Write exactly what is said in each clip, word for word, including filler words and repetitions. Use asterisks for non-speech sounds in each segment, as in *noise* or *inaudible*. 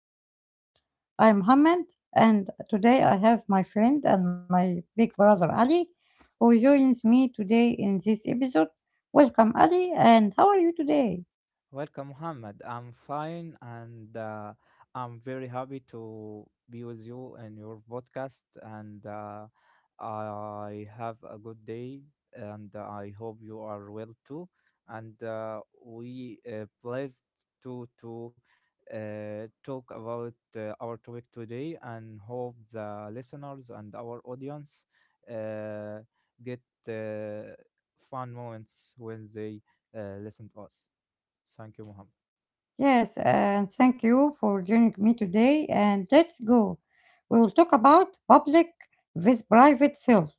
new episode. I'm Mohammed, and today I have my friend and my big brother Ali, who joins me today in this episode. Welcome, Ali, and how are you today? Welcome, Mohammed. I'm fine and uh, I'm very happy to be with you in your podcast. And uh, I have a good day and I hope you are well too. And uh, we uh, pleased to, to uh, talk about uh, our topic today and hope the listeners and our audience uh, get uh, fun moments when they uh, listen to us. Thank you, Muhammad. Yes, and thank you for joining me today. And let's go. We will talk about public with private self,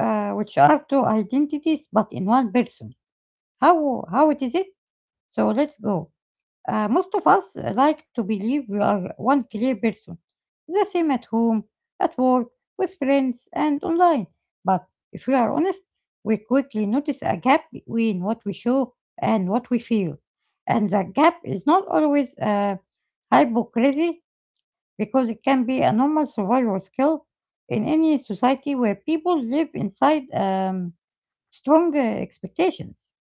uh, which are two identities but in one person. How how it is it? So let's go. Uh, most of us like to believe we are one clear person, the same at home, at work, with friends, and online. But if we are honest, we quickly notice a gap between what we show and what we feel. And that gap is not always uh, hypocrisy, because it can be a normal survival skill in any society where people live inside um, strong uh, expectations.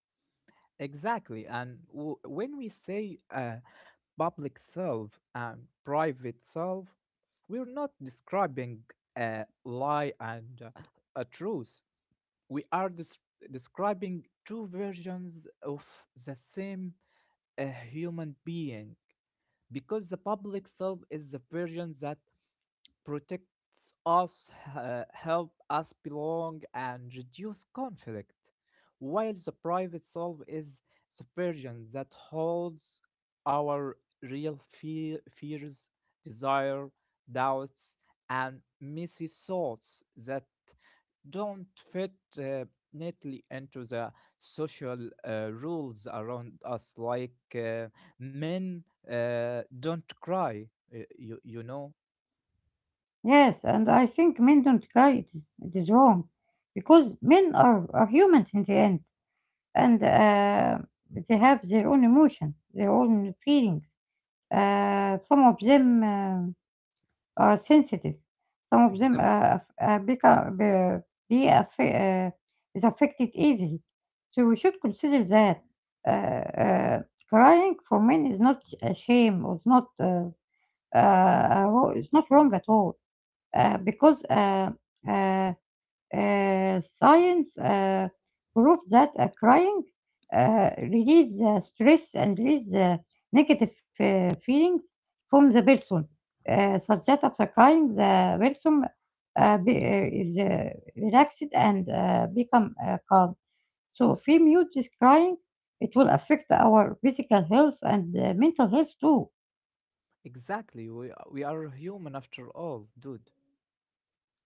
Exactly. And w- when we say uh, public self and private self, we're not describing a lie and uh, a truth. We are des- describing two versions of the same uh, human being, because the public self is the version that protects us, uh, help us belong, and reduce conflict, while the private self is the version that holds our real fe- fears, desire, doubts, and messy thoughts that don't fit uh, neatly into the social uh, rules around us, like uh, men uh, don't cry. uh, You, you know Yes, and I think men don't cry. It is, it is wrong because men are, are humans in the end, and uh, they have their own emotions, their own feelings. Uh, some of them uh, are sensitive. Some of them exactly. uh, aff- uh, become be, be aff- uh, is affected easily. So we should consider that uh, uh, crying for men is not a shame. Or it's not uh, uh, uh, it's not wrong at all uh, because uh, uh, uh, science uh, proved that uh, crying uh, release uh, stress and release uh, negative uh, feelings from the person, uh, such that after crying, the person uh, be, uh, is uh, relaxed and uh, become uh, calm. So if we mute this crying, it will affect our physical health and uh, mental health too. Exactly. We uh, we are human after all, dude.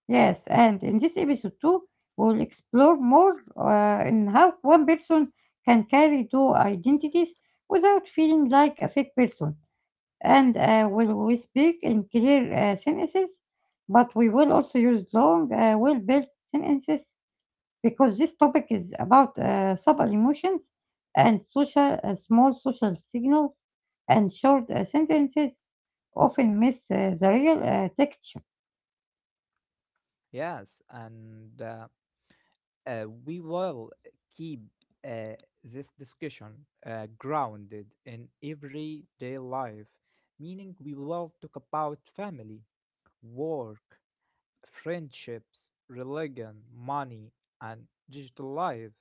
Yes, and in this episode too, we'll explore more uh, in how one person can carry two identities without feeling like a fake person. And uh, will we speak in clear uh, sentences? But we will also use long, uh, well-built sentences because this topic is about uh, subtle emotions and social, uh, small social signals, and short uh, sentences often miss uh, the real uh, texture. Yes, and uh, uh, we will keep uh, this discussion uh, grounded in everyday life, meaning we will talk about family, work, friendships, religion, money, and digital life.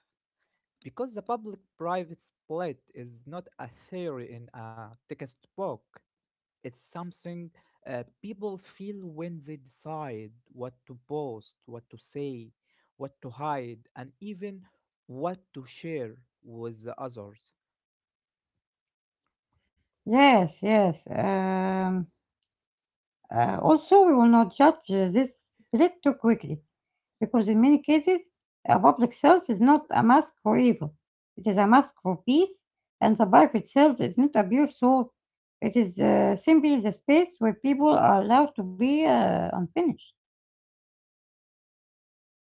Because the public-private split is not a theory in a textbook. It's something uh, people feel when they decide what to post, what to say, what to hide, and even what to share with the others. Yes, yes. Um, Uh, also, we will not judge uh, this threat too quickly, because in many cases, a public self is not a mask for evil. It is a mask for peace, and the life itself is not a pure soul. It is uh, simply the space where people are allowed to be uh, unfinished.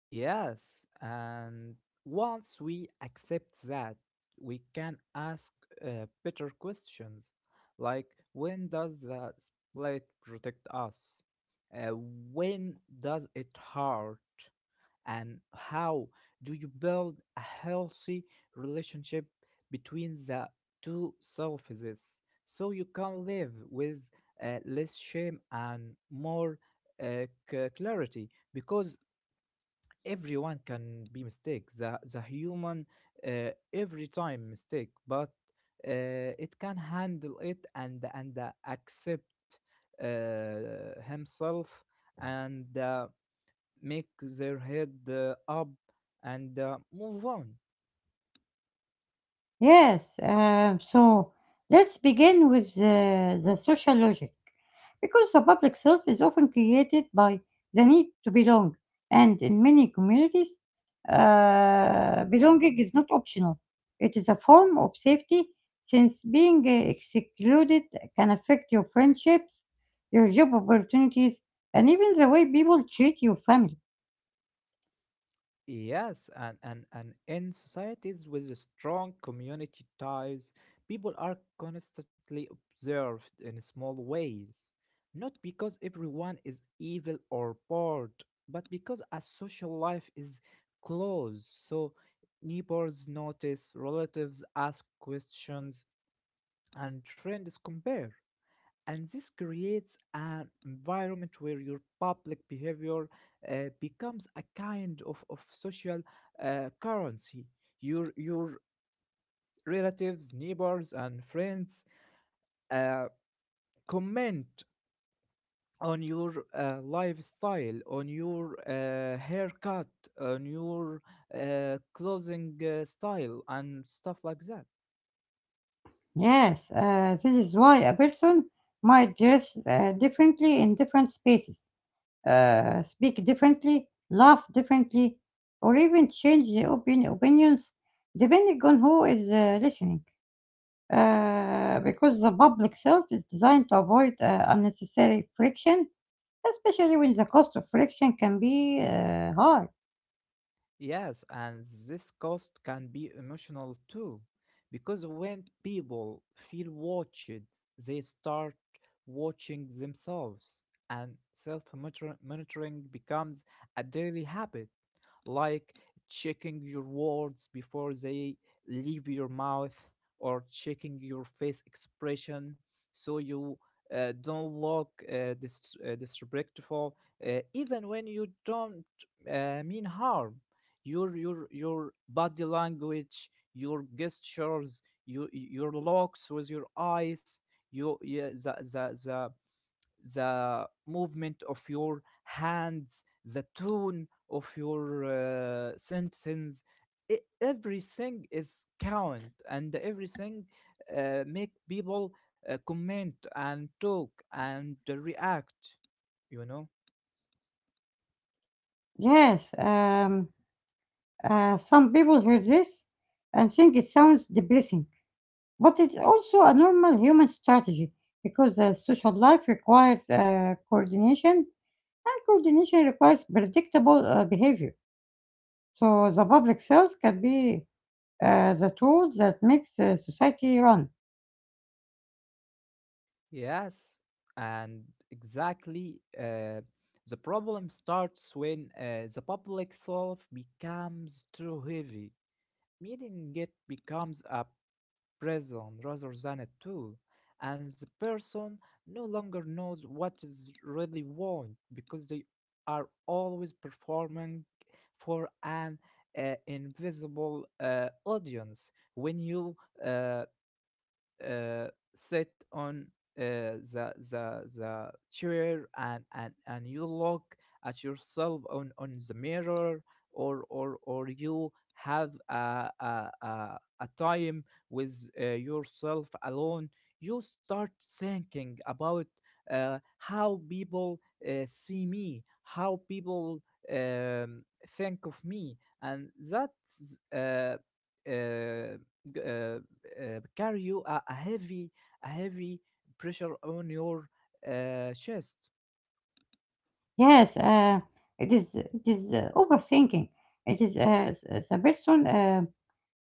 Yes, and once we accept that, we can ask uh, better questions, like when does the split protect us? Uh, when does it hurt? And how do you build a healthy relationship between the two selves, so you can live with uh, less shame and more uh, c- clarity? Because everyone can be mistake, the, the human uh, every time mistake, but uh, it can handle it, and and uh, accept uh, himself, and uh, make their head uh, up, and uh, move on. Yes, um, so let's begin with the, the social logic. Because the public self is often created by the need to belong, and in many communities, uh, belonging is not optional. It is a form of safety since being uh, excluded can affect your friendships, your job opportunities, and even the way people treat your family. Yes, and, and, and in societies with strong community ties, people are constantly observed in small ways. Not because everyone is evil or bored, but because a social life is close. So neighbors notice, relatives ask questions, and friends compare, and this creates an environment where your public behavior uh, becomes a kind of, of social uh, currency. Your your relatives, neighbors and friends uh, comment on your uh, lifestyle, on your uh, haircut, on your uh, clothing uh, style and stuff like that. Yes, uh, this is why a person might dress uh, differently in different spaces. Uh, speak differently, laugh differently, or even change the opin- opinions depending on who is uh, listening. Uh, because the public self is designed to avoid uh, unnecessary friction, especially when the cost of friction can be uh, high. Yes, and this cost can be emotional too, because when people feel watched, they start watching themselves, and self monitoring becomes a daily habit, like checking your words before they leave your mouth, or checking your face expression so you uh, don't look uh, dis- uh, disrespectful uh, even when you don't uh, mean harm. Your your your body language, your gestures, your your looks with your eyes, your yeah, the, the, the the movement of your hands, the tone of your uh, sentence. e- everything is count and everything uh, make people uh, comment and talk and uh, react, you know? Yes, um, uh, some people hear this and think it sounds depressing, but it's also a normal human strategy because uh, social life requires uh, coordination. And coordination requires predictable uh, behavior. So the public self can be uh, the tool that makes uh, society run. Yes, and exactly. Uh, the problem starts when uh, the public self becomes too heavy, meaning it becomes a prison rather than a tool, and the person no longer knows what is really want, because they are always performing for an uh, invisible uh, audience. When you uh, uh, sit on uh, the the the chair, and and and you look at yourself on on the mirror, or or or you have a a a, a time with uh, yourself alone, you start thinking about uh, how people uh, see me, how people um, think of me, and that's uh, uh, g- uh, uh, carry you a, a heavy a heavy pressure on your uh, chest. Yes, uh, it is. It is uh, overthinking. It is uh, s- uh, the person uh,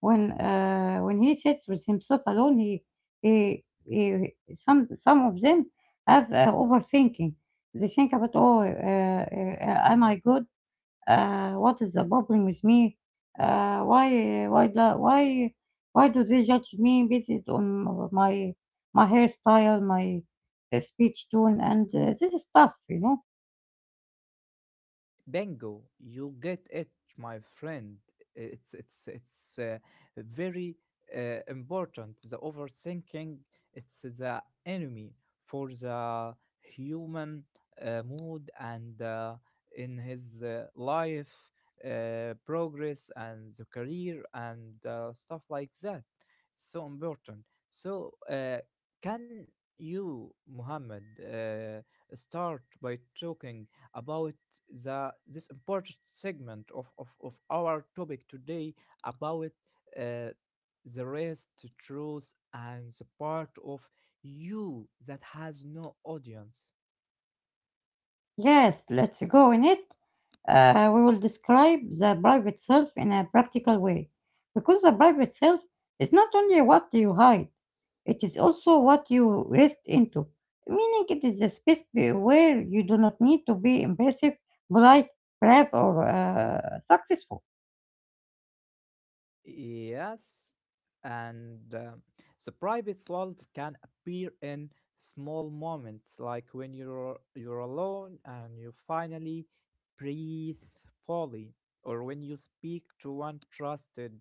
when uh, when he sits with himself alone. He, he, he some some of them have uh, overthinking. They think about oh, uh, uh, am I good? Uh, what is the problem with me? Uh, why, why, do, why, why do they judge me based on my my hairstyle, my uh, speech tone, and uh, this stuff? You know. Bingo, you get it, my friend. It's it's it's uh, very uh, important. The overthinking, it's the enemy for the human uh, mood and uh, in his uh, life uh, progress and the career and uh, stuff like that. It's so important. So uh, can you, Muhammad, uh, start by talking about the this important segment of, of, of our topic today, about uh, the rest, the truth, and the part of you that has no audience. Yes, let's go in it. Uh, we will describe the private self in a practical way, because the private self is not only what you hide. It is also what you rest into, meaning it is a space be- where you do not need to be impressive, polite, brave, or uh, successful. Yes, and um, the private love can appear in small moments, like when you're you're alone and you finally breathe fully, or when you speak to one trusted,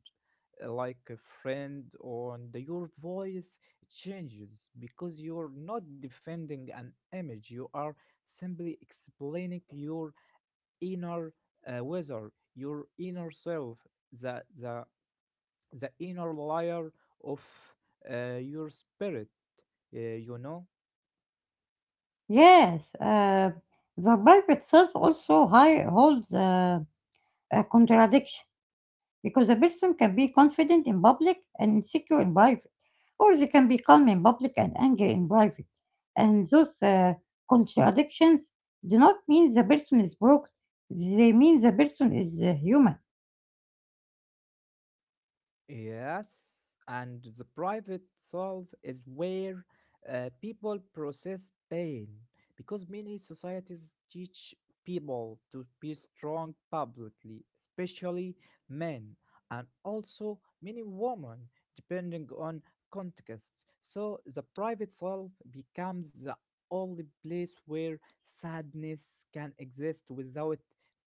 uh, like a friend, or and your voice changes because you're not defending an image; you are simply explaining your inner uh, whether your inner self, the the the inner layer of uh, your spirit, uh, you know? Yes, uh, the life itself also high holds uh, a contradiction because a person can be confident in public and insecure in private, or they can be calm in public and angry in private. And those uh, contradictions do not mean the person is broken; they mean the person is uh, human. Yes, and the private self is where uh, people process pain, because many societies teach people to be strong publicly, especially men, and also many women, depending on contexts. So the private self becomes the only place where sadness can exist without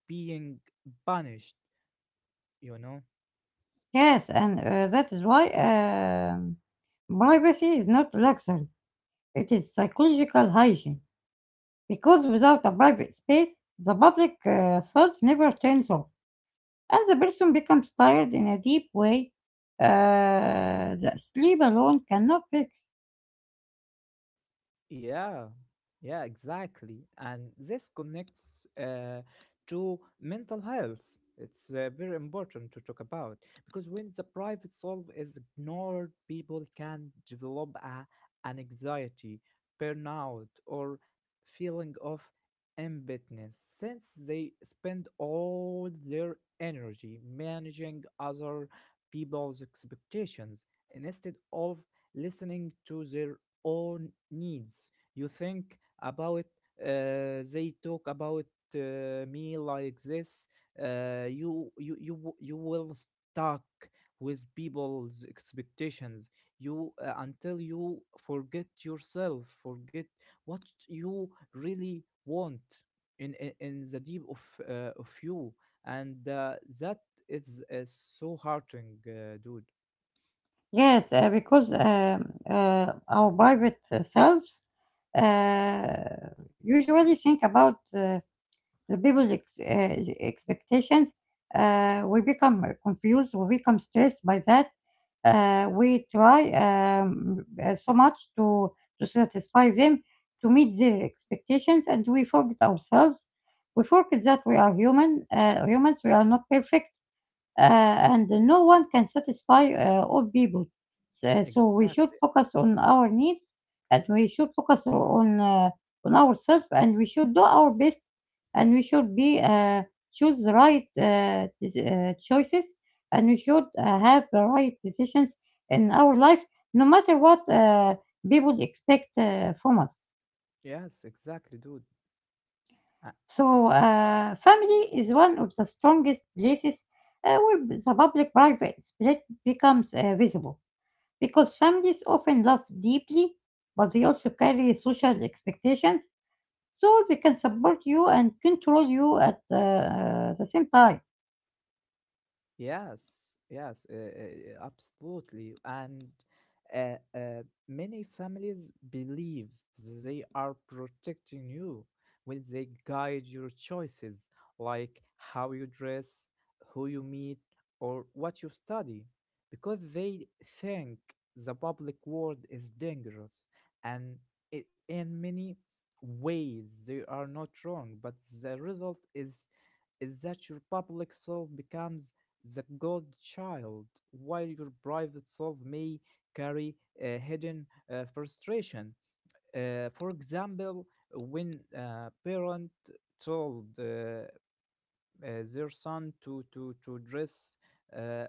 being punished, you know? Yes, and uh, that is why um, privacy is not luxury, it is psychological hygiene. Because without a private space, the public uh, thought never turns off, and the person becomes tired in a deep way uh, that sleep alone cannot fix. Yeah, yeah, exactly. And this connects uh, to mental health. It's uh, very important to talk about, because when the private self is ignored, people can develop a, an anxiety, burnout, or feeling of emptiness, since they spend all their energy managing other people's expectations instead of listening to their own needs. You think about uh, they talk about uh, me like this. Uh, you you you w- you will stuck with people's expectations. You uh, Until you forget yourself, forget what you really want in in, in the deep of uh, of you, and uh, that is uh, so heartening, uh, dude. Yes, uh, because um, uh, our private uh, selves uh, usually think about uh, the people's ex- uh, expectations. Uh, we become uh, confused, we become stressed by that. Uh, we try um, uh, so much to, to satisfy them, to meet their expectations, and we forget ourselves. We forget that we are human, uh, humans, we are not perfect uh, and no one can satisfy uh, all people. So, so we should Exactly. focus on our needs, and we should focus on uh, on ourselves, and we should do our best, and we should be uh, choose the right uh, dec- uh, choices, and we should uh, have the right decisions in our life, no matter what uh, people expect uh, from us. Yes, exactly, dude. So, uh, family is one of the strongest places uh, where the public private split becomes uh, visible because families often love deeply, but they also carry social expectations, so they can support you and control you at uh, the same time. Yes, yes, uh, uh, uh, Absolutely. And uh, uh, many families believe they are protecting you when they guide your choices, like how you dress, who you meet, or what you study, because they think the public world is dangerous. And it, in many ways, they are not wrong, but the result is is that your public self becomes the godchild, while your private self may carry a hidden uh, frustration. Uh, for example, when a parent told uh, uh, their son to to to dress uh, uh,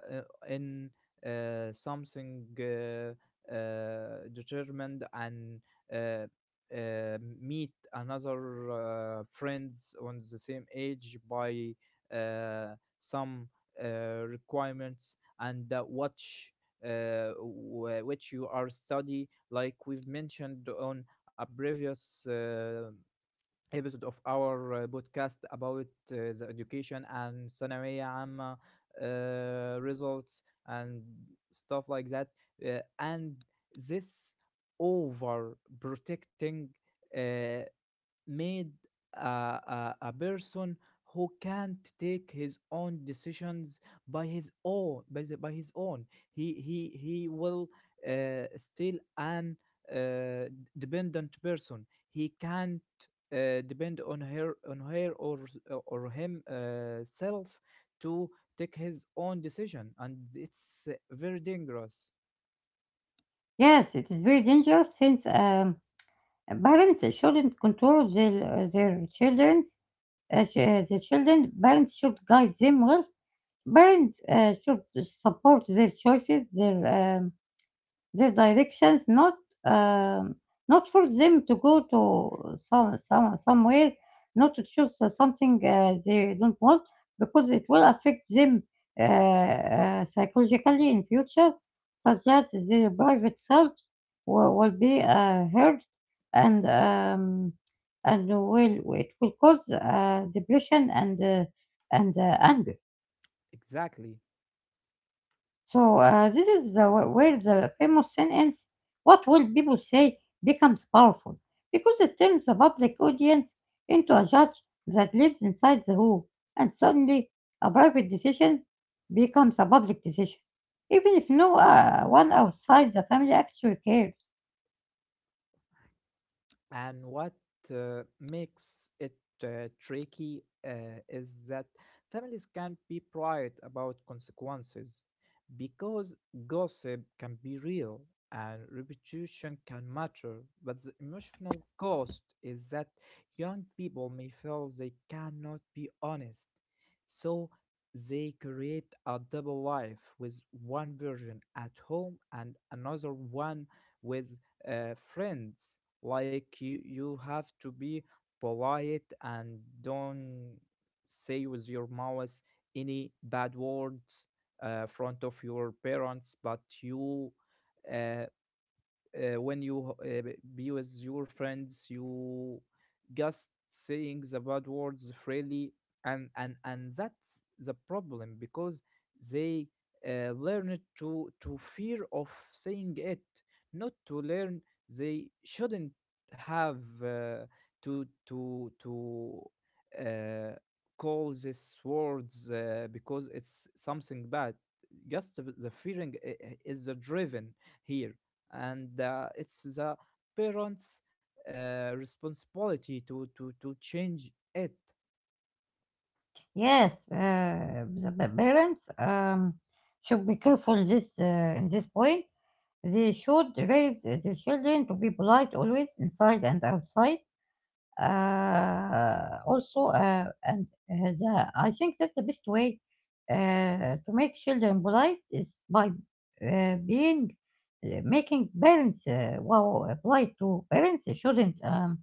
in uh, something uh, uh, determined, and uh, uh, meet another uh, friends on the same age by uh, some uh, requirements, and uh, watch uh, wh- which you are study, like we've mentioned on a previous uh, episode of our uh, podcast about uh, the education and ثانوية عامة uh, results and stuff like that. Uh, and this overprotecting uh, made a, a, a person who can't take his own decisions by his own by, the, by his own. He he he will uh, still an uh, dependent person. He can't uh, depend on her on her or or him uh, self to take his own decision, and it's very dangerous. Yes, it is very dangerous since um, parents shouldn't control their, uh, their children's uh, ch- uh, their children. Parents should guide them well. Parents uh, should support their choices, their um, their directions, not um, not force them to go to some, some somewhere, not to choose uh, something uh, they don't want, because it will affect them uh, uh, psychologically in future, such that their private selves will, will be uh, hurt and um, and will it will cause uh, depression and uh, and uh, anger. Exactly. So uh, this is the, wh- where the famous sin ends. What will people say becomes powerful because it turns the public audience into a judge that lives inside the room, and suddenly a private decision becomes a public decision, even if no uh, one outside the family actually cares. And what uh, makes it uh, tricky uh, is that families can be pride about consequences, because gossip can be real and reputation can matter. But the emotional cost is that young people may feel they cannot be honest. So they create a double life with one version at home and another one with uh, friends. Like you, you have to be polite and don't say with your mouth any bad words uh, front of your parents, but you. Uh, uh, when you uh, be with your friends, you just saying the bad words freely, and and and that's the problem, because they uh, learn it to to fear of saying it, not to learn they shouldn't have uh, to to to uh, call these words uh, because it's something bad. Just the the fearing i- i- is the driven here, and uh, it's the parents' uh, responsibility to to to change it. Yes, uh, the pa- parents um, should be careful this uh, in this point. They should raise their children to be polite always inside and outside uh, also uh, and uh, the, I think that the best way uh, to make children polite is by uh, being uh, making parents uh, wow polite to parents. They shouldn't um,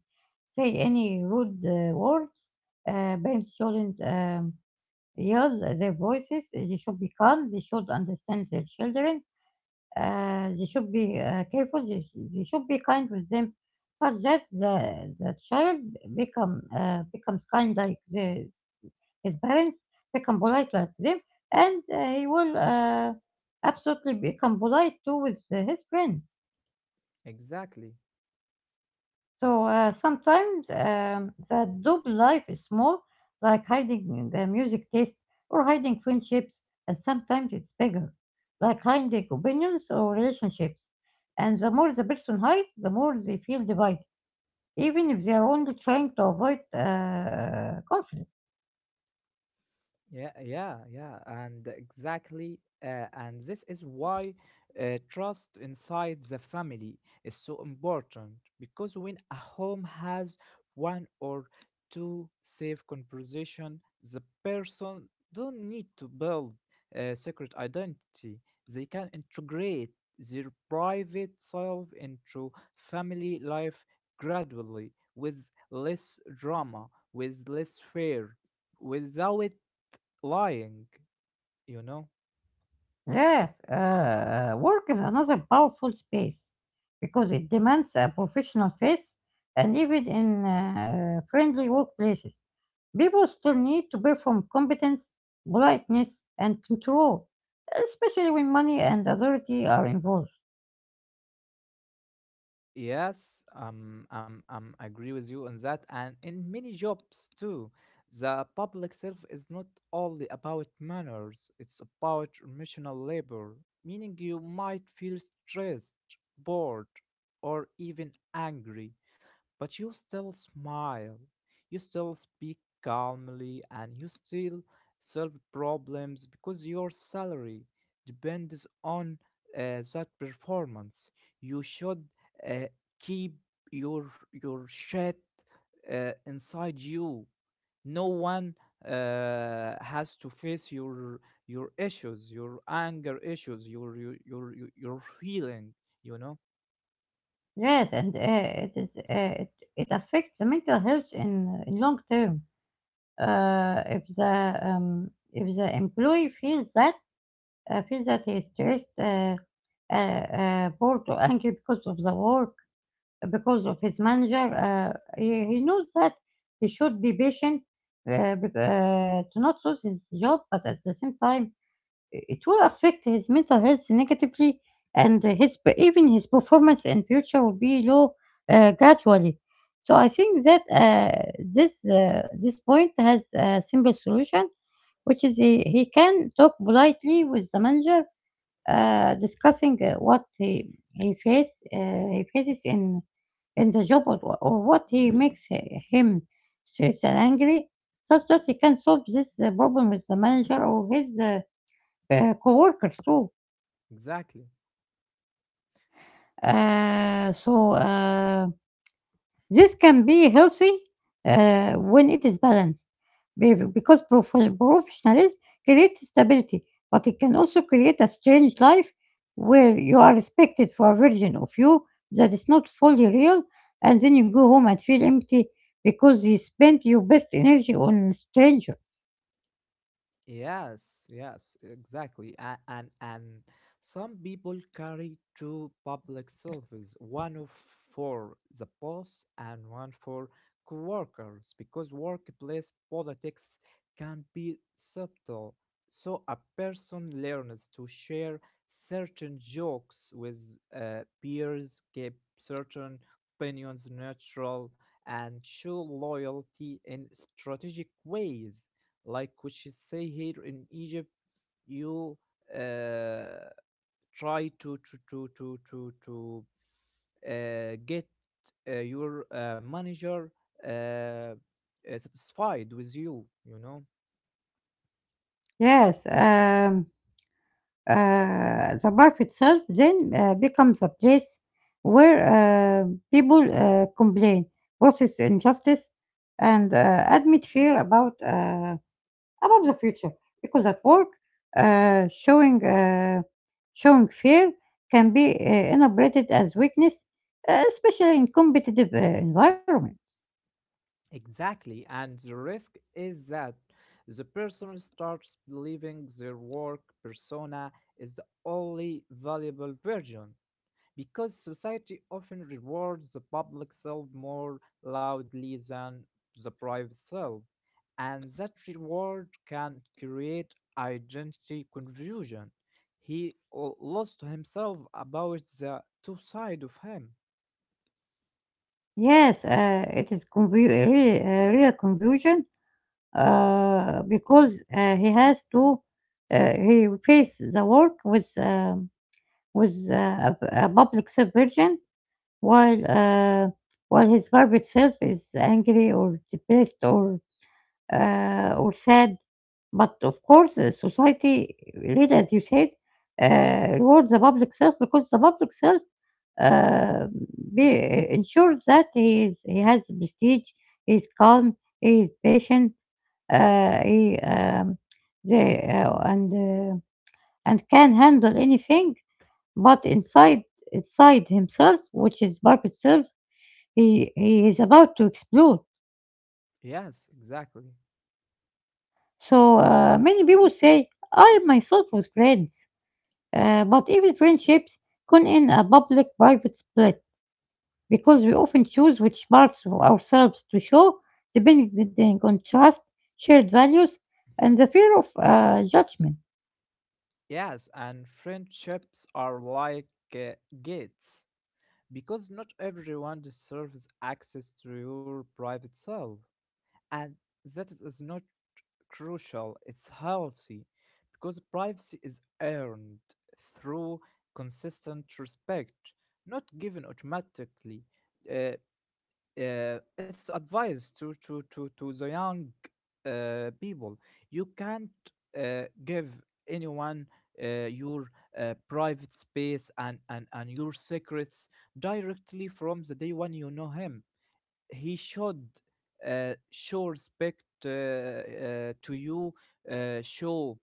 say any rude uh, words. Uh, parents shouldn't um, yell their voices, they should be calm, they should understand their children, uh, they should be uh, careful. They, sh- they should be kind with them, such that the the child become uh, becomes kind like the, his parents, become polite like them, and uh, he will uh, absolutely become polite too with uh, his friends. Exactly. So uh, sometimes um, that double life is small, like hiding the music taste or hiding friendships, and sometimes it's bigger, like hiding opinions or relationships. And the more the person hides, the more they feel divided, even if they are only trying to avoid uh, conflict. Yeah, yeah, yeah, and exactly. Uh, and this is why uh, trust inside the family is so important, because when a home has one or two safe conversation, the person don't need to build a secret identity. They can integrate their private self into family life gradually, with less drama, with less fear, without lying, you know? Yes, uh, uh, work is another powerful space because it demands a professional face, and even in uh, friendly workplaces, people still need to perform competence, politeness, and control, especially when money and authority are involved. Yes um I'm I'm agree with you on that. And in many jobs too, the public self is not only about manners, it's about emotional labor, meaning you might feel stressed, bored, or even angry. But you still smile, you still speak calmly, and you still solve problems because your salary depends on uh, that performance. You should uh, keep your your shit uh, inside you. No one uh, has to face your your issues, your anger issues, your your your, your your feeling, you know? Yes, and uh, it is uh, it, it affects the mental health in, in long term. Uh, if the um, if the employee feels that I feel that he stressed, uh, uh, uh, bored or angry *laughs* because of the work, because of his manager. Uh, he, he knows that he should be patient uh, bec- uh, to not lose his job, but at the same time, it will affect his mental health negatively, and his even his performance in future will be low uh, gradually. So I think that uh, this uh, this point has a simple solution, which is he, he can talk politely with the manager uh, discussing uh, what he he face uh, he faces in in the job, or wha- or what he makes hi- him stressed and angry, such that he can solve this uh, problem with the manager or his uh, uh, coworkers too. Exactly. Uh, so. Uh, This can be healthy uh, when it is balanced be- because prof- professionalism creates stability, but it can also create a strange life where you are respected for a version of you that is not fully real, and then you go home and feel empty because you spent your best energy on a stranger. Yes, yes, exactly. And, and and some people carry two public selfies, one of for the boss and one for coworkers, because workplace politics can be subtle. So a person learns to share certain jokes with uh, peers, keep certain opinions neutral, and show loyalty in strategic ways. Like which is say here in Egypt, you uh, try to to to to to, to uh, get uh, your uh, manager uh, uh, satisfied with you, you know. Yes. Um, Uh, the life itself then uh, becomes a place where uh, people uh, complain, process injustice, and uh, admit fear about uh, about the future. Because at work, uh, showing uh, showing fear can be uh, interpreted as weakness, uh, especially in competitive uh, environments. Exactly, and the risk is that the person starts believing their work persona is the only valuable version, because society often rewards the public self more loudly than the private self, and that reward can create identity confusion. He l- lost himself about the two sides of him. Yes, uh, it is confu- really, uh, real confusion uh, because uh, he has to uh, he face the work with um, with uh, a, a public subversion while uh, while his private self is angry or depressed or uh, or sad. But of course, uh, society, really, as you said, uh, rewards the public self because the public self uh, be, ensures that he is he has prestige, he is calm, he is patient, uh, he um, they uh, and uh, and can handle anything, but inside inside himself, which is bark itself, he he is about to explode. Yes, exactly. So uh, many people say I myself was friends, uh, but even friendships can in a public-private split because we often choose which parts of ourselves to show, depending on trust, shared values, and the fear of uh, judgment. Yes, and friendships are like uh, gates because not everyone deserves access to your private self. And that is, is not crucial, it's healthy because privacy is earned through consistent respect, not given automatically. uh, uh, it's advice to, to, to, to the young uh, people. You can't uh, give anyone uh, your uh, private space and, and, and your secrets directly from the day when you know him. He should uh, show respect uh, uh, to you, uh, show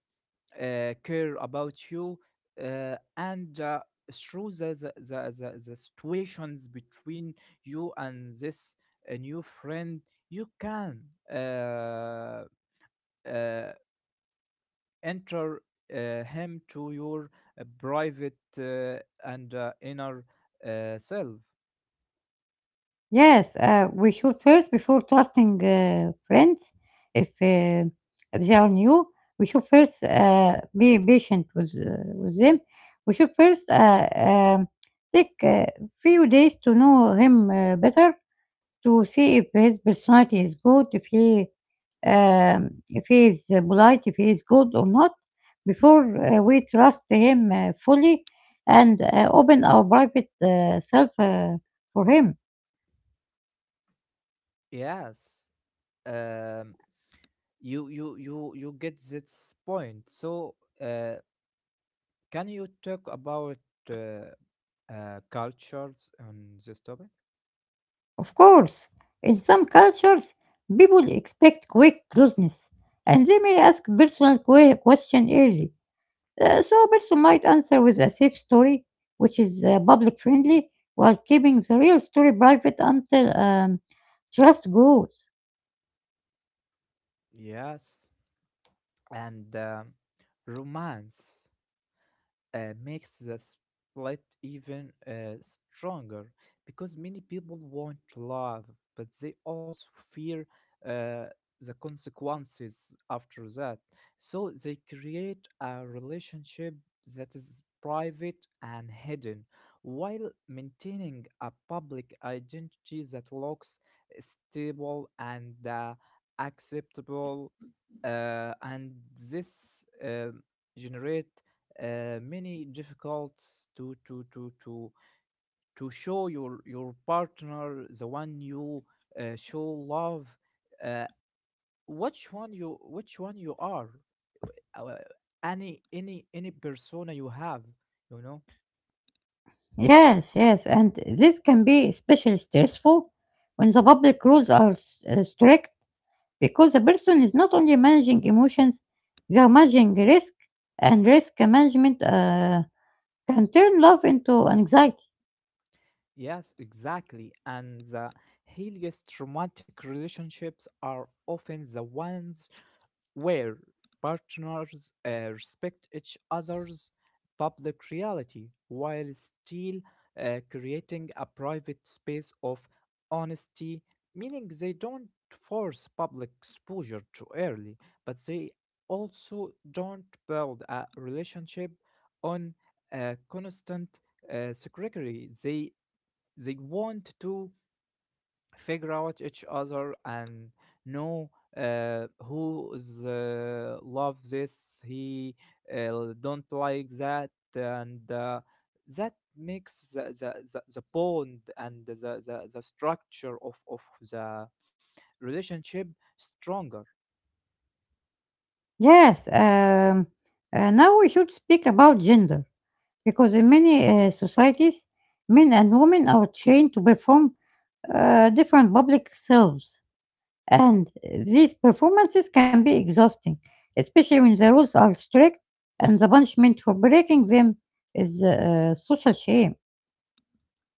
uh, care about you, uh, and uh, through the, the, the, the, the situations between you and this uh, new friend, you can uh, uh, enter uh, him to your uh, private uh, and uh, inner uh, self. Yes, uh, we should first, before trusting uh, friends, if, uh, if they are new, we should first uh, be patient with, uh, with them. We should first uh, um, take a few days to know him uh, better, to see if his personality is good, if he um, if he is uh, polite, if he is good or not, before uh, we trust him uh, fully and uh, open our private uh, self uh, for him. Yes. Um, you you you you get this point, so uh, can you talk about uh, uh, cultures on this topic? Of course, in some cultures, people expect quick closeness and they may ask personal que- question early. Uh, so a person might answer with a safe story, which is uh, public friendly, while keeping the real story private until um, trust grows. Yes. And um romance uh, makes the split even uh, stronger because many people want love, but they also fear uh, the consequences after that. So they create a relationship that is private and hidden while maintaining a public identity that looks stable and uh, acceptable. Uh, and this um generate uh, many difficulties to to to to to show your your partner, the one you uh, show love, uh, which one you which one you are, uh, uh, any any any persona you have, you know? Yes, yes, and this can be especially stressful when the public rules are s- uh, strict because the person is not only managing emotions, they are managing risk and risk management. Uh, Can turn love into anxiety. Yes, exactly, and the healthiest romantic relationships are often the ones where partners uh, respect each other's public reality while still uh, creating a private space of honesty, meaning they don't force public exposure too early, but they also don't build a relationship on a constant uh, secretary. They they want to figure out each other and know uh, who is uh, love this, he uh, don't like that. And uh, that makes the, the, the, the bond and the, the, the structure of, of the relationship stronger. Yes, um, uh, now we should speak about gender because in many uh, societies, men and women are trained to perform uh, different public selves, and these performances can be exhausting, especially when the rules are strict and the punishment for breaking them is uh, social shame.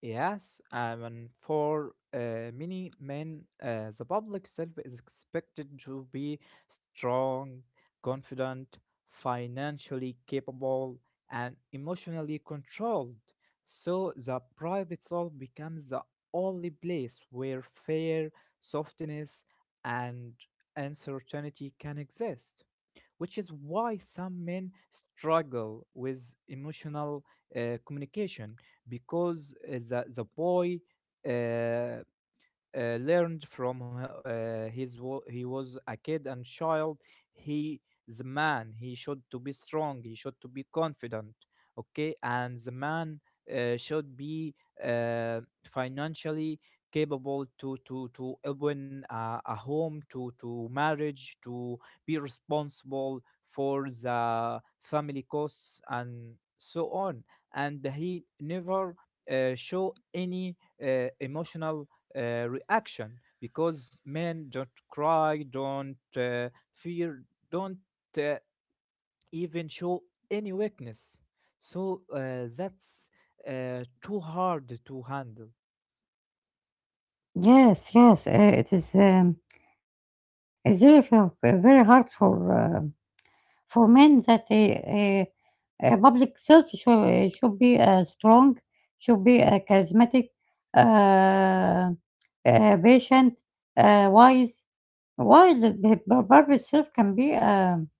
Yes, um, and for uh, many men, uh, the public self is expected to be strong, confident, financially capable, and emotionally controlled. So the private self becomes the only place where fear, softness, and uncertainty can exist, which is why some men struggle with emotional uh, communication, because uh, the, the boy uh, uh, learned from h- uh, his wo- he was a kid and child. He the man, he should to be strong, he should to be confident. Okay, and the man uh, should be uh, financially capable to to to open a, a home, to to marriage, to be responsible for the family costs and so on. And he never uh, show any uh, emotional uh, reaction, because men don't cry, don't uh, fear, don't uh, even show any weakness. So uh, that's uh, too hard to handle. Yes, yes, uh, it is. Um, it's very, very hard for uh, for men that a a public self should, should be uh, strong, should be uh, charismatic, uh, uh, patient, uh, wise. While the the p- private self can be um,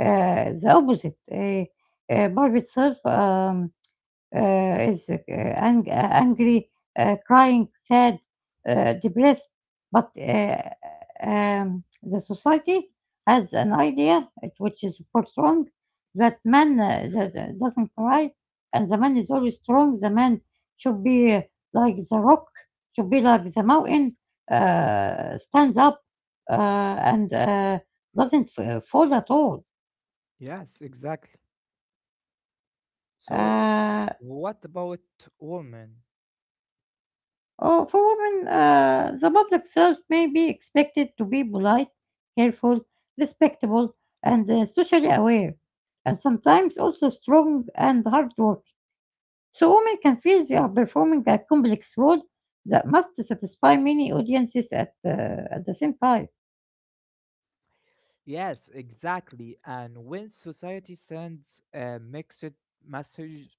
uh, the opposite. A uh, private self. Um, uh, is uh, ang- uh, angry, uh, crying, sad, uh, depressed. But uh, um, the society has an idea, it- which is of course wrong, that man uh, that uh, doesn't cry and the man is always strong. The man should be uh, like the rock, should be like the mountain, uh, stands up uh, and uh, doesn't f- fall at all. Yes, exactly. So, Uh, what about women? Oh, for women, uh, the public self may be expected to be polite, careful, respectable, and uh, socially aware, and sometimes also strong and hardworking. So women can feel they are performing a complex role that must satisfy many audiences at, uh, at the same time. Yes, exactly. And when society sends a mixed message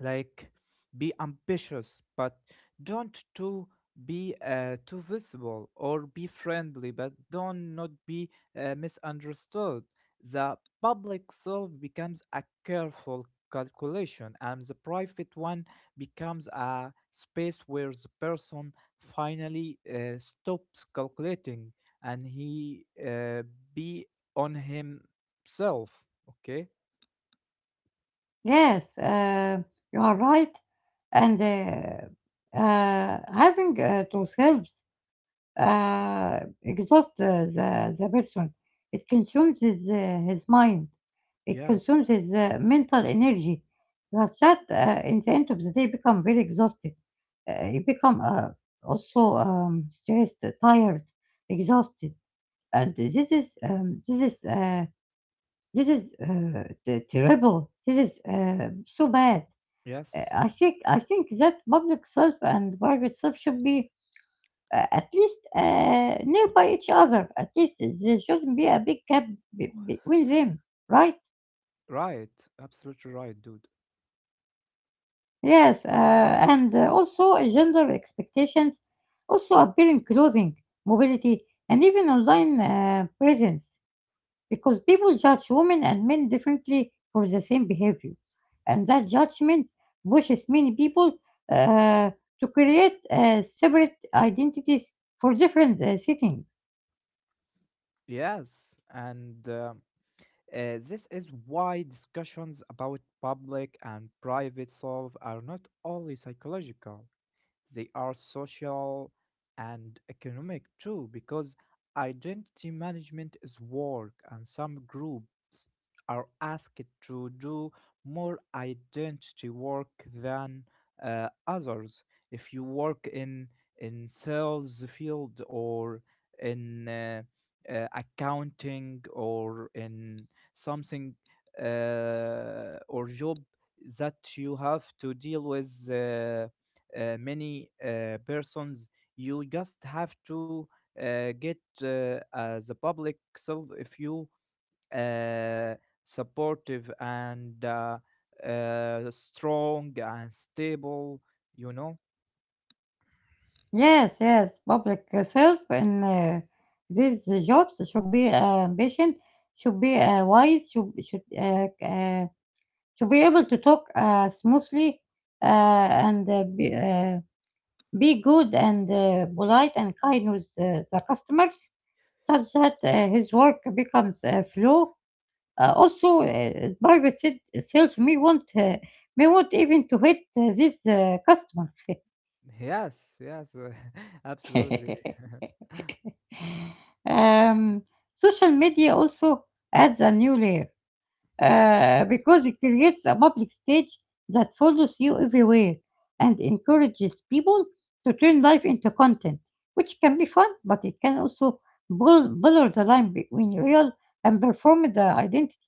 like be ambitious but don't to be uh, too visible, or be friendly but don't not be uh, misunderstood, the public self becomes a careful calculation, and the private one becomes a space where the person finally uh, stops calculating and he uh, be on himself, okay? Yes, uh, you are right, and uh, uh, having uh, to selves uh, exhaust the, the the person. It consumes his uh, his mind. It Yes. consumes his uh, mental energy. Such that uh, in the end of the day, become very exhausted. Uh, you become uh, also um, stressed, tired, exhausted, and this is um, this is uh, this is uh, t- terrible. This is uh, so bad. Uh, Yes, I yes. think I think that public self and private self should be uh, at least uh, nearby each other. At least there shouldn't be a big gap be- between them, right? Right, absolutely right, dude. Yes, uh, and uh, also uh, gender expectations also appear in clothing, mobility, and even online uh, presence because people judge women and men differently for the same behavior. And that judgment pushes many people uh, to create uh, separate identities for different uh, settings. Yes, and uh, Uh, this is why discussions about public and private solve are not only psychological, they are social and economic too, because identity management is work, and some groups are asked to do more identity work than uh, others. If you work in in sales field or in uh, uh, accounting or in something uh, or job that you have to deal with uh, uh, many uh, persons, you just have to uh, get uh, as a public self if you uh, supportive and uh, uh, strong and stable, you know? Yes, yes, public uh, self in uh, these jobs should be uh, patient, should be uh, wise, should should uh, uh, should be able to talk uh, smoothly uh, and uh, be, uh, be good and uh, polite and kind with uh, the customers, such that uh, his work becomes uh, flow. Uh, also, uh, private se- self may want uh, may want even to hit uh, these uh, customers. Yes, yes. *laughs* *laughs* Absolutely. *laughs* Um, Social media also adds a new layer uh, because it creates a public stage that follows you everywhere and encourages people to turn life into content, which can be fun, but it can also blur, blur the line between real and performed uh, identity.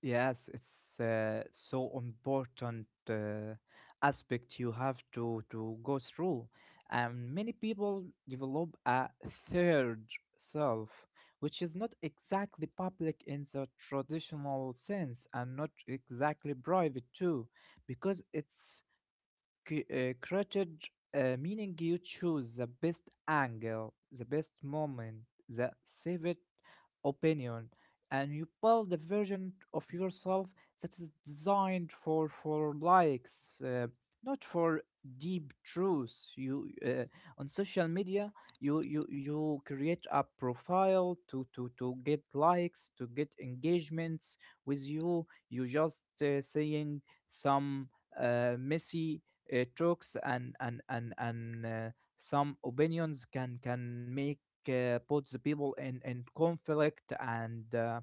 Yes, it's uh, so important uh, aspect you have to to go through. And many people develop a third self, which is not exactly public in the traditional sense and not exactly private too, because it's c- uh, created, uh, meaning you choose the best angle, the best moment, the saved opinion, and you build a version of yourself that is designed for for likes, uh, not for deep truths. You uh, on social media, you you you create a profile to to to get likes, to get engagements with you. You just uh, saying some uh, messy uh, talks, and and and and uh, some opinions can can make uh, put the people in in conflict, and uh,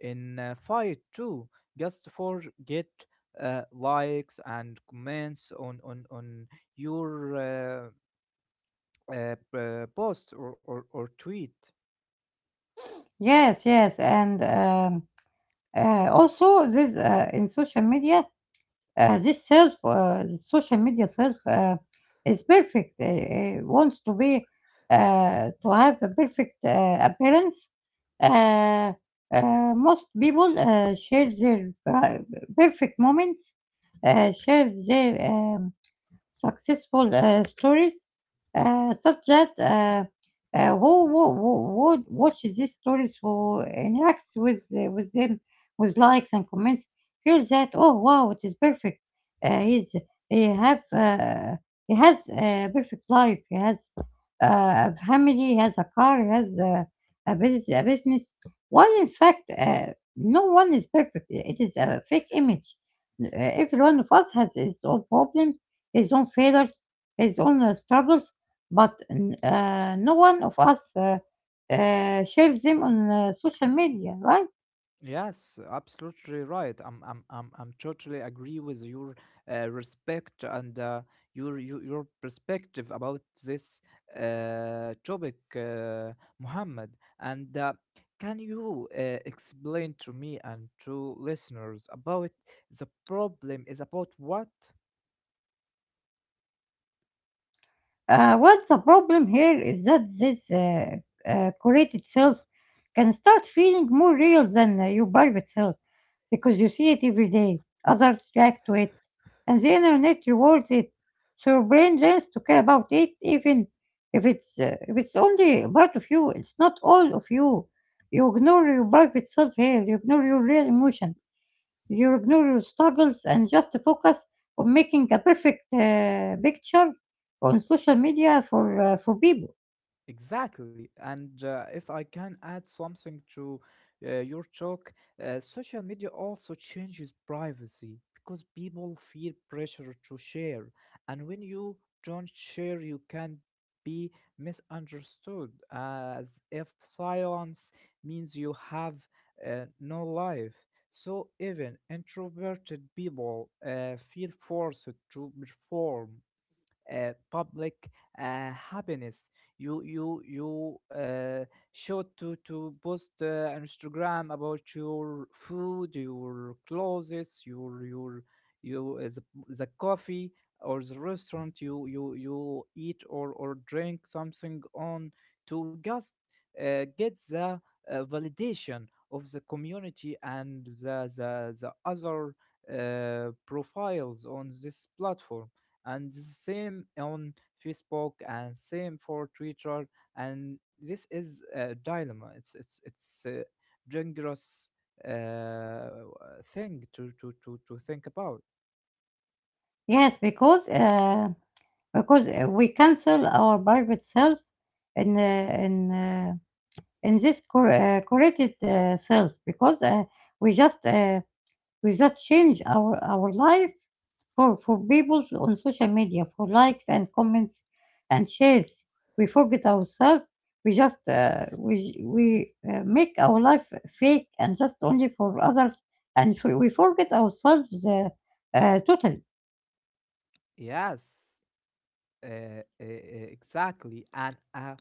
in uh, fight too, just for get uh, likes and comments on on on your uh, uh, uh, post, or, or or tweet. Yes, yes, and um, uh, also this uh, in social media Uh, this self, uh, the social media self, uh, is perfect. Uh, uh, wants to be uh, to have a perfect uh, appearance. Uh, uh, Most people uh, share their pri- perfect moments, uh, share their um, successful uh, stories, uh, such that uh, uh, who, who, who would watch these stories, who interacts with uh, with them, with likes and comments, feels that oh wow, it is perfect. Uh, he's he have uh, he has a perfect life. He has uh, a family. He has a car. He has a, a business. A business. While in fact, uh, no one is perfect. It is a fake image. Uh, every one of us has his own problems his own failures, his own uh, struggles, but uh, no one of us uh, uh, shares them on uh, social media, right? Yes, absolutely right. I'm, I'm, I'm, I'm totally agree with your uh, respect and uh, your, your your perspective about this uh, topic, uh, Muhammad. And uh, can you uh, explain to me and to listeners about the problem is about what? Uh, what's the problem here is that this uh, uh, curated self can start feeling more real than uh, your private self. Because you see it every day. Others react to it, and the internet rewards it. So your brain learns to care about it, even if it's uh, if it's only a part of you. It's not all of you. You ignore your private self-care. You ignore your real emotions. You ignore your struggles and just focus on making a perfect uh, picture on social media for uh, for people. Exactly. And uh, if I can add something to uh, your talk, uh, social media also changes privacy because people feel pressure to share. And when you don't share, you can be misunderstood, as if silence means you have uh, no life. So even introverted people uh, feel forced to perform uh, public uh, happiness. You you you uh, show to to post uh, on Instagram about your food, your clothes, your your you uh, the, the coffee or the restaurant you you you eat or or drink something on, to just uh, get the uh, validation of the community and the the, the other uh, profiles on this platform, and the same on Facebook and same for Twitter. And this is a dilemma, it's it's it's a dangerous uh, thing to to to to think about. Yes, because uh, because uh, we cancel our private self in uh, in. Uh, in this cor- uh, curated uh, self because uh, we just uh, we just change our our life for for people on social media for likes and comments and shares we forget ourselves we just uh, we we uh, make our life fake and just only for others and we we forget ourselves uh, uh, totally. Yes, uh, uh, exactly. and uh,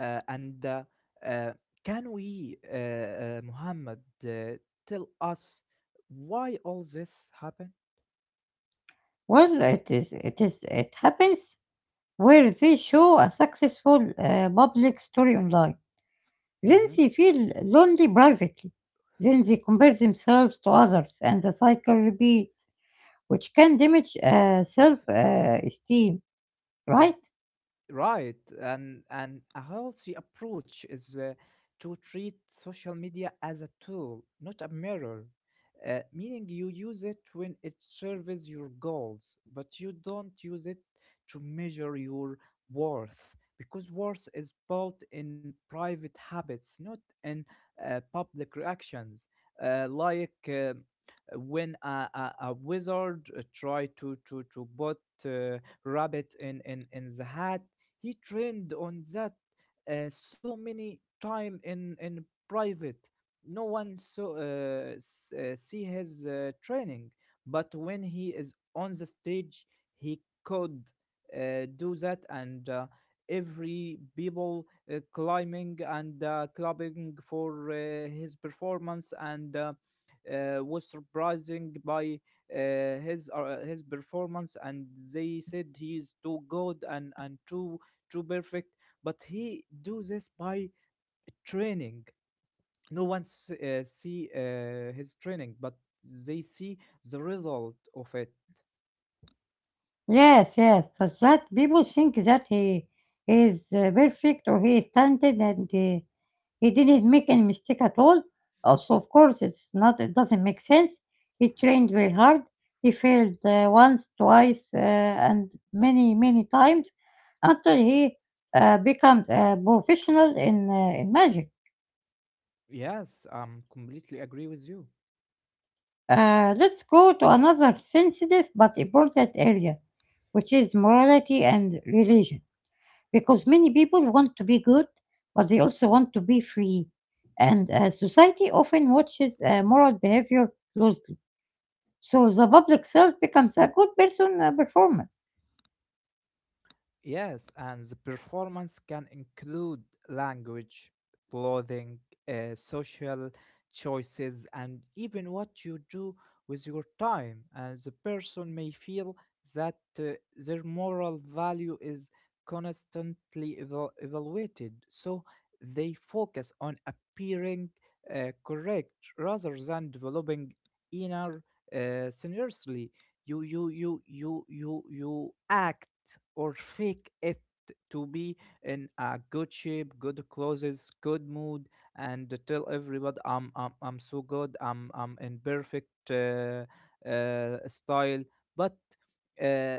uh, and uh, uh, can we uh, uh, Muhammad, uh, tell us why all this happened? Well, it is it is it happens where they show a successful uh, public story online. Then Mhm. they feel lonely privately. Then they compare themselves to others, and the cycle repeats, which can damage uh, self uh, esteem, right? Right, and and a healthy approach is uh, to treat social media as a tool, not a mirror. Uh, meaning you use it when it serves your goals, but you don't use it to measure your worth, because worth is built in private habits, not in uh, public reactions. Uh, like uh, when a, a, a wizard uh, tried to to to put uh, rabbit in in in the hat, he trained on that uh, so many time in in private. No one so uh, s- uh, see his uh, training, but when he is on the stage, he could uh, do that, and uh, every people uh, climbing and uh, clapping for uh, his performance and. Uh, uh, was surprising by uh, his uh, his performance, and they said he is too good and and too too perfect, but he do this by training. No one s- uh, see uh, his training, but they see the result of it. Yes, yes. Such that people think that he is uh, perfect or he is talented and uh, he didn't make any mistake at all. Also, of course, it's not. It doesn't make sense. He trained very hard. He failed uh, once, twice, uh, and many, many times until he uh, becomes a professional in, uh, in magic. Yes, I'm completely agree with you. Uh, let's go to another sensitive but important area, which is morality and religion. Because many people want to be good, but they also want to be free. And uh, society often watches uh, moral behavior closely. So the public self becomes a good person uh, performance. Yes, and the performance can include language, clothing, uh, social choices, and even what you do with your time. And the person may feel that uh, their moral value is constantly eval- evaluated, so they focus on appearing uh, correct rather than developing inner uh, sincerity. You you you you you you act or fake it to be in a good shape, good clothes, good mood, and tell everybody I'm i'm, I'm so good, i'm i'm in perfect uh, uh, style. But uh,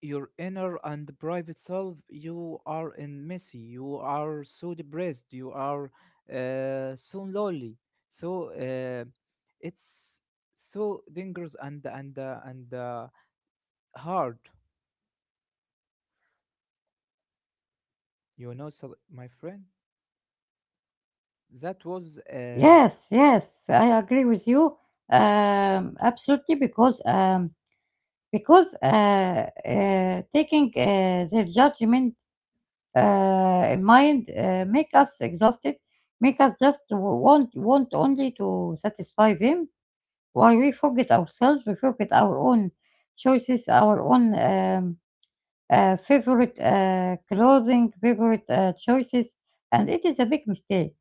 your inner and private self, you are in messy, you are so depressed, you are uh, so lonely. So uh, it's so dangerous and and uh, and uh, hard, you know, so my friend. That was um, Yes, yes, I agree with you. Um, absolutely, because um, because uh, uh, taking uh, their judgment uh, in mind uh, make us exhausted, make us just w- want want only to satisfy them. Why we forget ourselves, we forget our own choices, our own um, uh, favorite uh, clothing, favorite uh, choices, and it is a big mistake.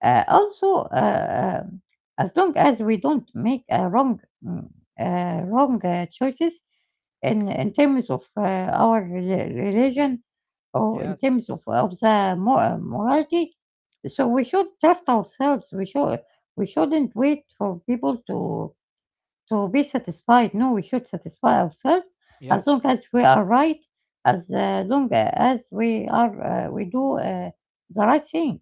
Uh, also, uh, um, as long as we don't make uh, wrong mm, uh, wrong uh, choices in in terms of uh, our reli- religion or in yes, terms of, of the mor- morality, so we should trust ourselves. We should we shouldn't wait for people to to be satisfied. No, we should satisfy ourselves as yes, long as we are right, as uh, long as we are uh, we do uh, the right thing.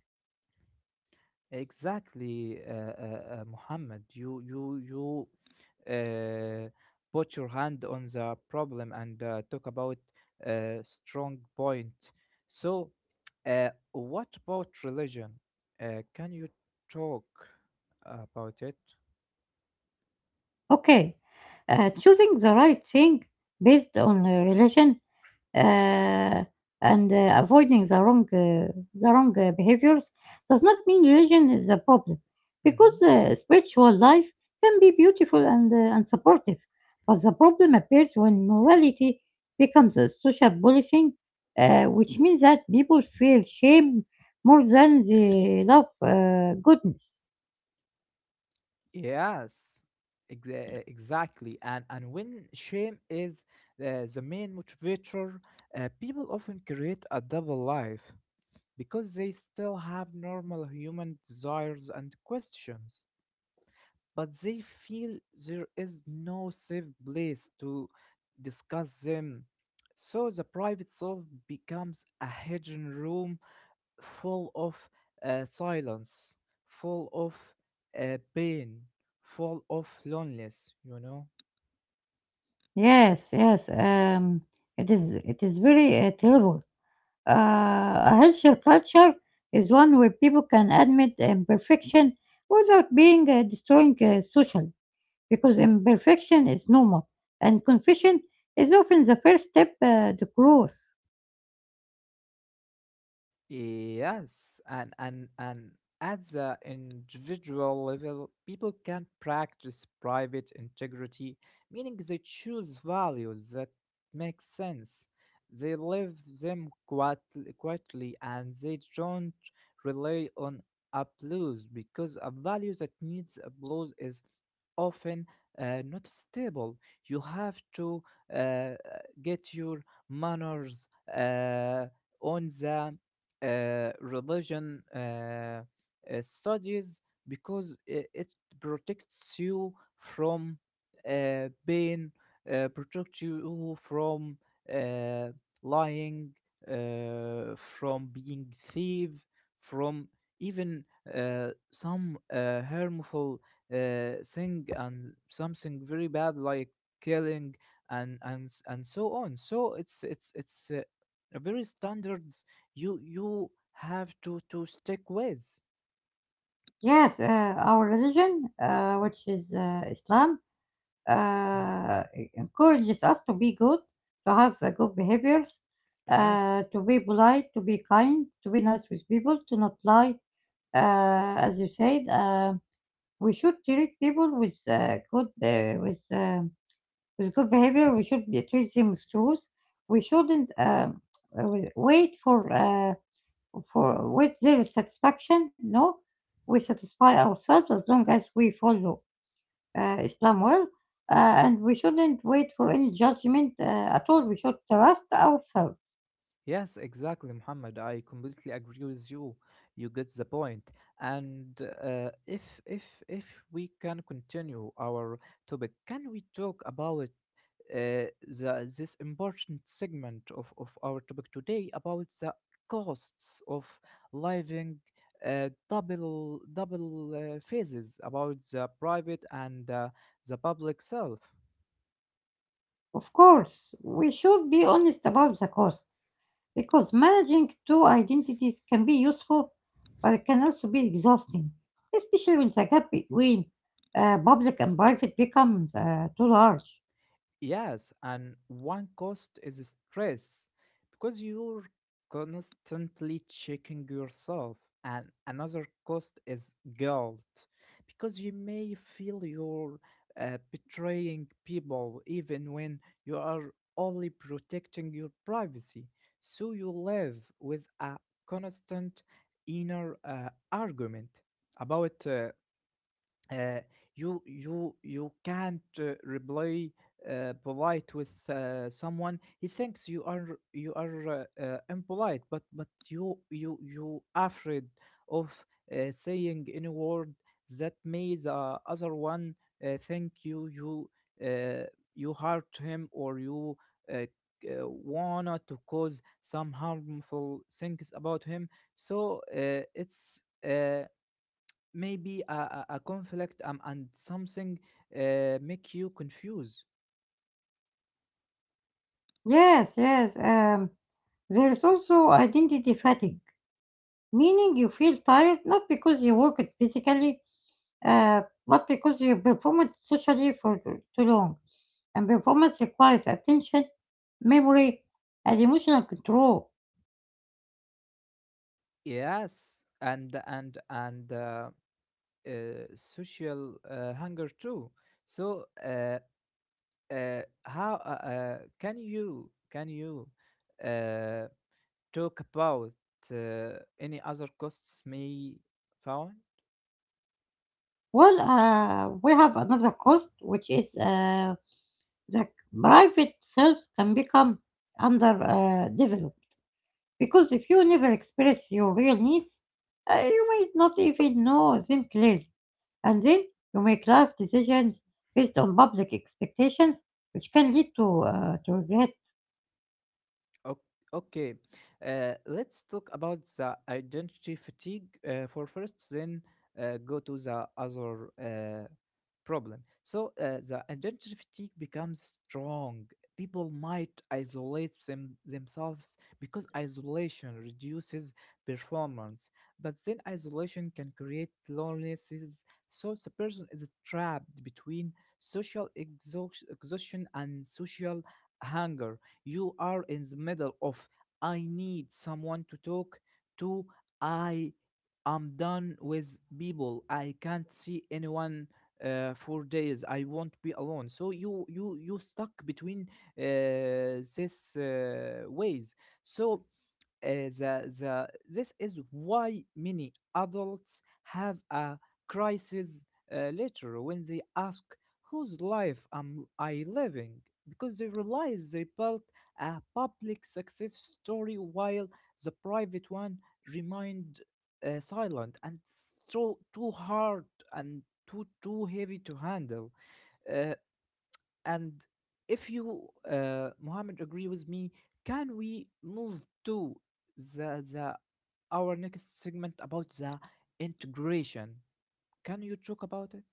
exactly, uh, uh, uh, Muhammad. You you you uh, put your hand on the problem and uh, talk about a strong point. So, uh, what about religion? Uh, can you talk about it? Okay, uh, choosing the right thing based on uh, religion uh, and uh, avoiding the wrong uh, the wrong uh, behaviors does not mean religion is a problem because Mm-hmm. uh, spiritual life can be beautiful and, uh, and supportive, but the problem appears when morality becomes a social policing, uh, which means that people feel shame more than they love uh, goodness. Yes, exa- exactly. And and when shame is uh, the main motivator, uh, people often create a double life because they still have normal human desires and questions, but they feel there is no safe place to discuss them. So the private self becomes a hidden room full of uh, silence, full of uh, pain, full of loneliness, you know? Yes, yes, um, it is it is very uh, terrible. Uh, a healthier culture is one where people can admit imperfection without being uh, destroying uh, socially, because imperfection is normal, and confession is often the first step uh, to growth. Yes, and and and at the individual level, people can practice private integrity, meaning they choose values that make sense. They live them quietly, quietly, and they don't rely on applause, because a value that needs applause is often uh, not stable. You have to uh, get your manners uh, on the uh, religion uh, uh, studies, because it, it protects you from uh, pain, uh, protects you from uh, lying, uh, from being thief, from even uh, some uh, harmful uh, thing, and something very bad like killing and and s- and so on. So it's it's it's uh, a very standard you you have to to stick with. Yes, uh, our religion, uh, which is uh, Islam, uh, encourages us to be good, to have uh, good behaviors, Yes. uh, to be polite, to be kind, to be nice with people, to not lie, uh, as you said. Um, We should treat people with uh, good uh, with um with good behavior. We should be- treat them with truth. We shouldn't um, uh, we- wait for uh, for with their satisfaction. No, we satisfy ourselves as long as we follow uh, Islam well, uh, and we shouldn't wait for any judgment uh, at all. We should trust ourselves. Yes, exactly, Muhammad. I completely agree with you. You get the point. And uh, if if if we can continue our topic, can we talk about uh, the this important segment of of our topic today about the costs of living uh, double double uh, phases about the private and uh, the public self? Of course, we should be honest about the costs because managing two identities can be useful, but it can also be exhausting, especially when the gap between uh, public and private becomes uh, too large. Yes, and one cost is stress because you're constantly checking yourself, and another cost is guilt because you may feel you're uh, betraying people even when you are only protecting your privacy. So you live with a constant inner uh, argument about uh, uh, you you you can't uh, reply uh, polite with uh, someone he thinks you are you are uh, uh, impolite but but you you you afraid of uh, saying any word that may the other one uh, think you you uh, you hurt him or you uh, c- uh, wanna to cause some harmful things about him so uh, it's uh, maybe a, a, a conflict um, and something uh, make you confused. Yes, yes, um, there is also identity fatigue, meaning you feel tired not because you worked physically, uh, but because you performed socially for too too long. And performance requires attention, memory, and emotional control. Yes, and and and uh, uh, social uh, hunger too. So uh, uh, how uh, uh, can you can you uh, talk about uh, any other costs may found? Well, uh, we have another cost, which is uh, the private self can become under uh, developed. Because if you never express your real needs, uh, you might not even know them clearly. And then you make life decisions based on public expectations, which can lead to, uh, to regret. Ok- okay uh, let's talk about the identity fatigue uh, for first, then uh, go to the other uh, problem. So uh, the identity fatigue becomes strong. People might isolate them, themselves because isolation reduces performance, but then isolation can create loneliness. So the person is trapped between social exhaust- exhaustion and social hunger. You are in the middle of I need someone to talk to. I am done with people. I can't see anyone uh, for days, I won't be alone, so you you you stuck between uh, this uh, ways. So uh, the the this is why many adults have a crisis uh, later when they ask whose life am I living, because they realize they built a public success story while the private one remained uh, silent and so too hard and too too heavy to handle. Uh, and if you, uh, Mohammed, agree with me, can we move to the, the our next segment about the integration? Can you talk about it?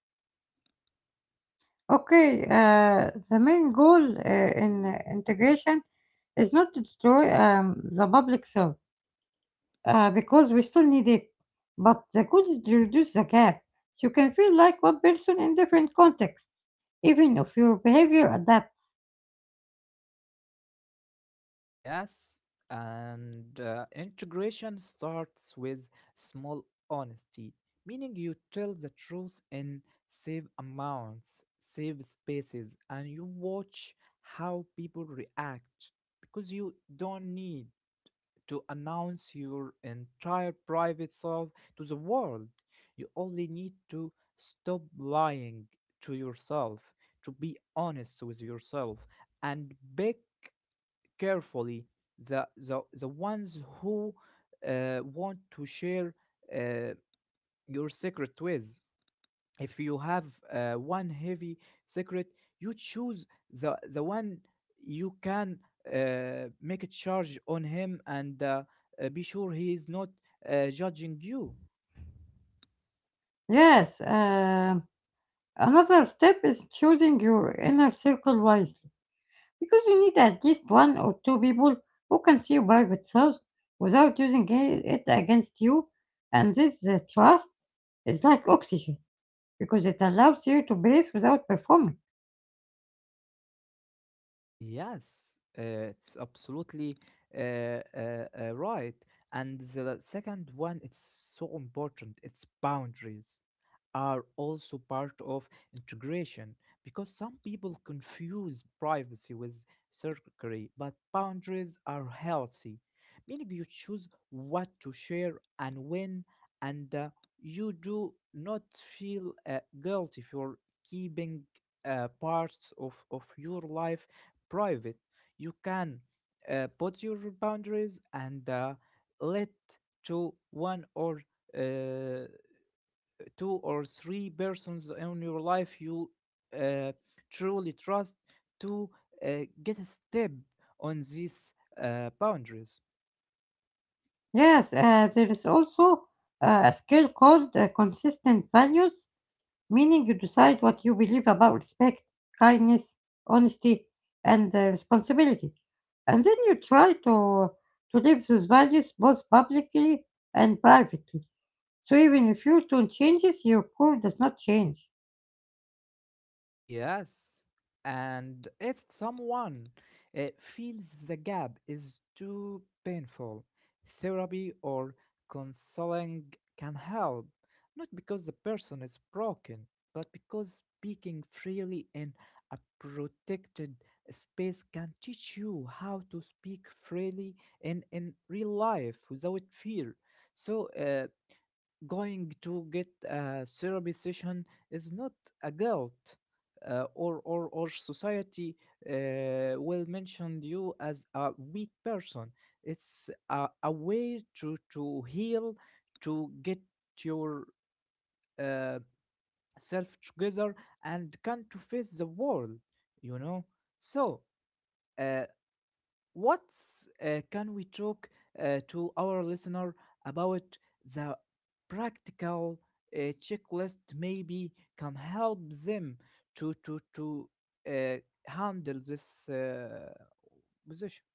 Okay, uh, the main goal uh, in uh, integration is not to destroy um, the public soul, uh, because we still need it. But the goal is to reduce the gap, so you can feel like one person in different contexts, even if your behavior adapts. Yes, and uh, integration starts with small honesty, meaning you tell the truth in safe amounts, safe spaces, and you watch how people react, because you don't need to announce your entire private self to the world. You only need to stop lying to yourself, to be honest with yourself, and pick carefully the the, the ones who uh, want to share uh, your secret with, if you have uh, one heavy secret. You choose the the one you can uh, make a charge on him, and uh, uh, be sure he is not uh, judging you. Yes, um, another step is choosing your inner circle wisely because you need at least one or two people who can see your private self without using i- it against you. And this uh, trust is like oxygen because it allows you to breathe without performing. Yes, uh, it's absolutely uh, uh, uh, right. And the second one, it's so important, it's boundaries are also part of integration, because some people confuse privacy with secrecy, but boundaries are healthy, meaning you choose what to share and when, and uh, you do not feel uh, guilty for keeping uh, parts of, of your life private. You can uh, put your boundaries and uh, let to one or uh, two or three persons in your life you uh, truly trust to uh, get a step on these uh, boundaries. Yes, uh, there is also uh, a skill called uh, consistent values, meaning you decide what you believe about respect, kindness, honesty, and uh, responsibility. And then you try to, to live those values both publicly and privately. So even if your tone changes, your core does not change. Yes. And if someone uh, feels the gap is too painful, therapy or counseling can help. Not because the person is broken, but because speaking freely in a protected space can teach you how to speak freely in, in real life without fear. So, uh, going to get a therapy session is not a guilt uh, or, or, or society uh, will mention you as a weak person. It's a, a way to, to heal, to get your uh, self together and can to face the world, you know. So, uh, what uh, can we talk uh, to our listener about the practical uh, checklist maybe can help them to to to uh, handle this uh, position?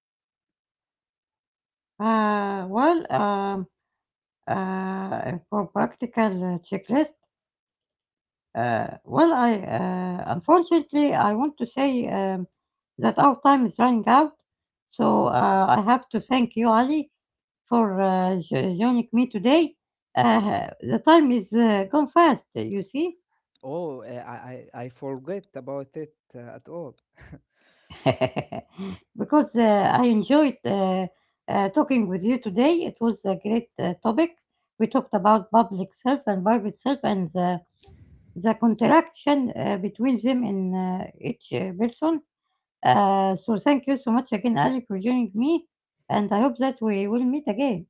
Uh, well, um, uh, for practical uh, checklist, Uh, well, I uh, unfortunately I want to say um, that our time is running out, so Oh, uh, I have to thank you, Ali, for uh, jo- joining me today. Uh, the time is uh, gone fast, you see, oh, uh, I, I I forget about it uh, at all. *laughs* *laughs* because uh, I enjoyed uh, uh, talking with you today. It was a great uh, topic. We talked about public self and private self and the, the contraction uh, between them in uh, each uh, person. Uh, so thank you so much again, Ali, for joining me, and I hope that we will meet again.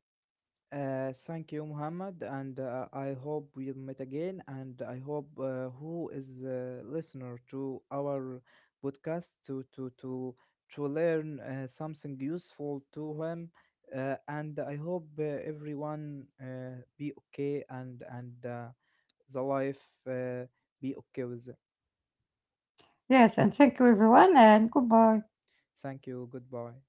Uh, thank you, Muhammad, and uh, I hope we'll meet again. And I hope uh, who is a listener to our podcast to to to to learn uh, something useful to him. Uh, and I hope uh, everyone uh, be okay, and and uh, the life uh, be okay with them. Yes, and thank you everyone, and goodbye. Thank you. Goodbye.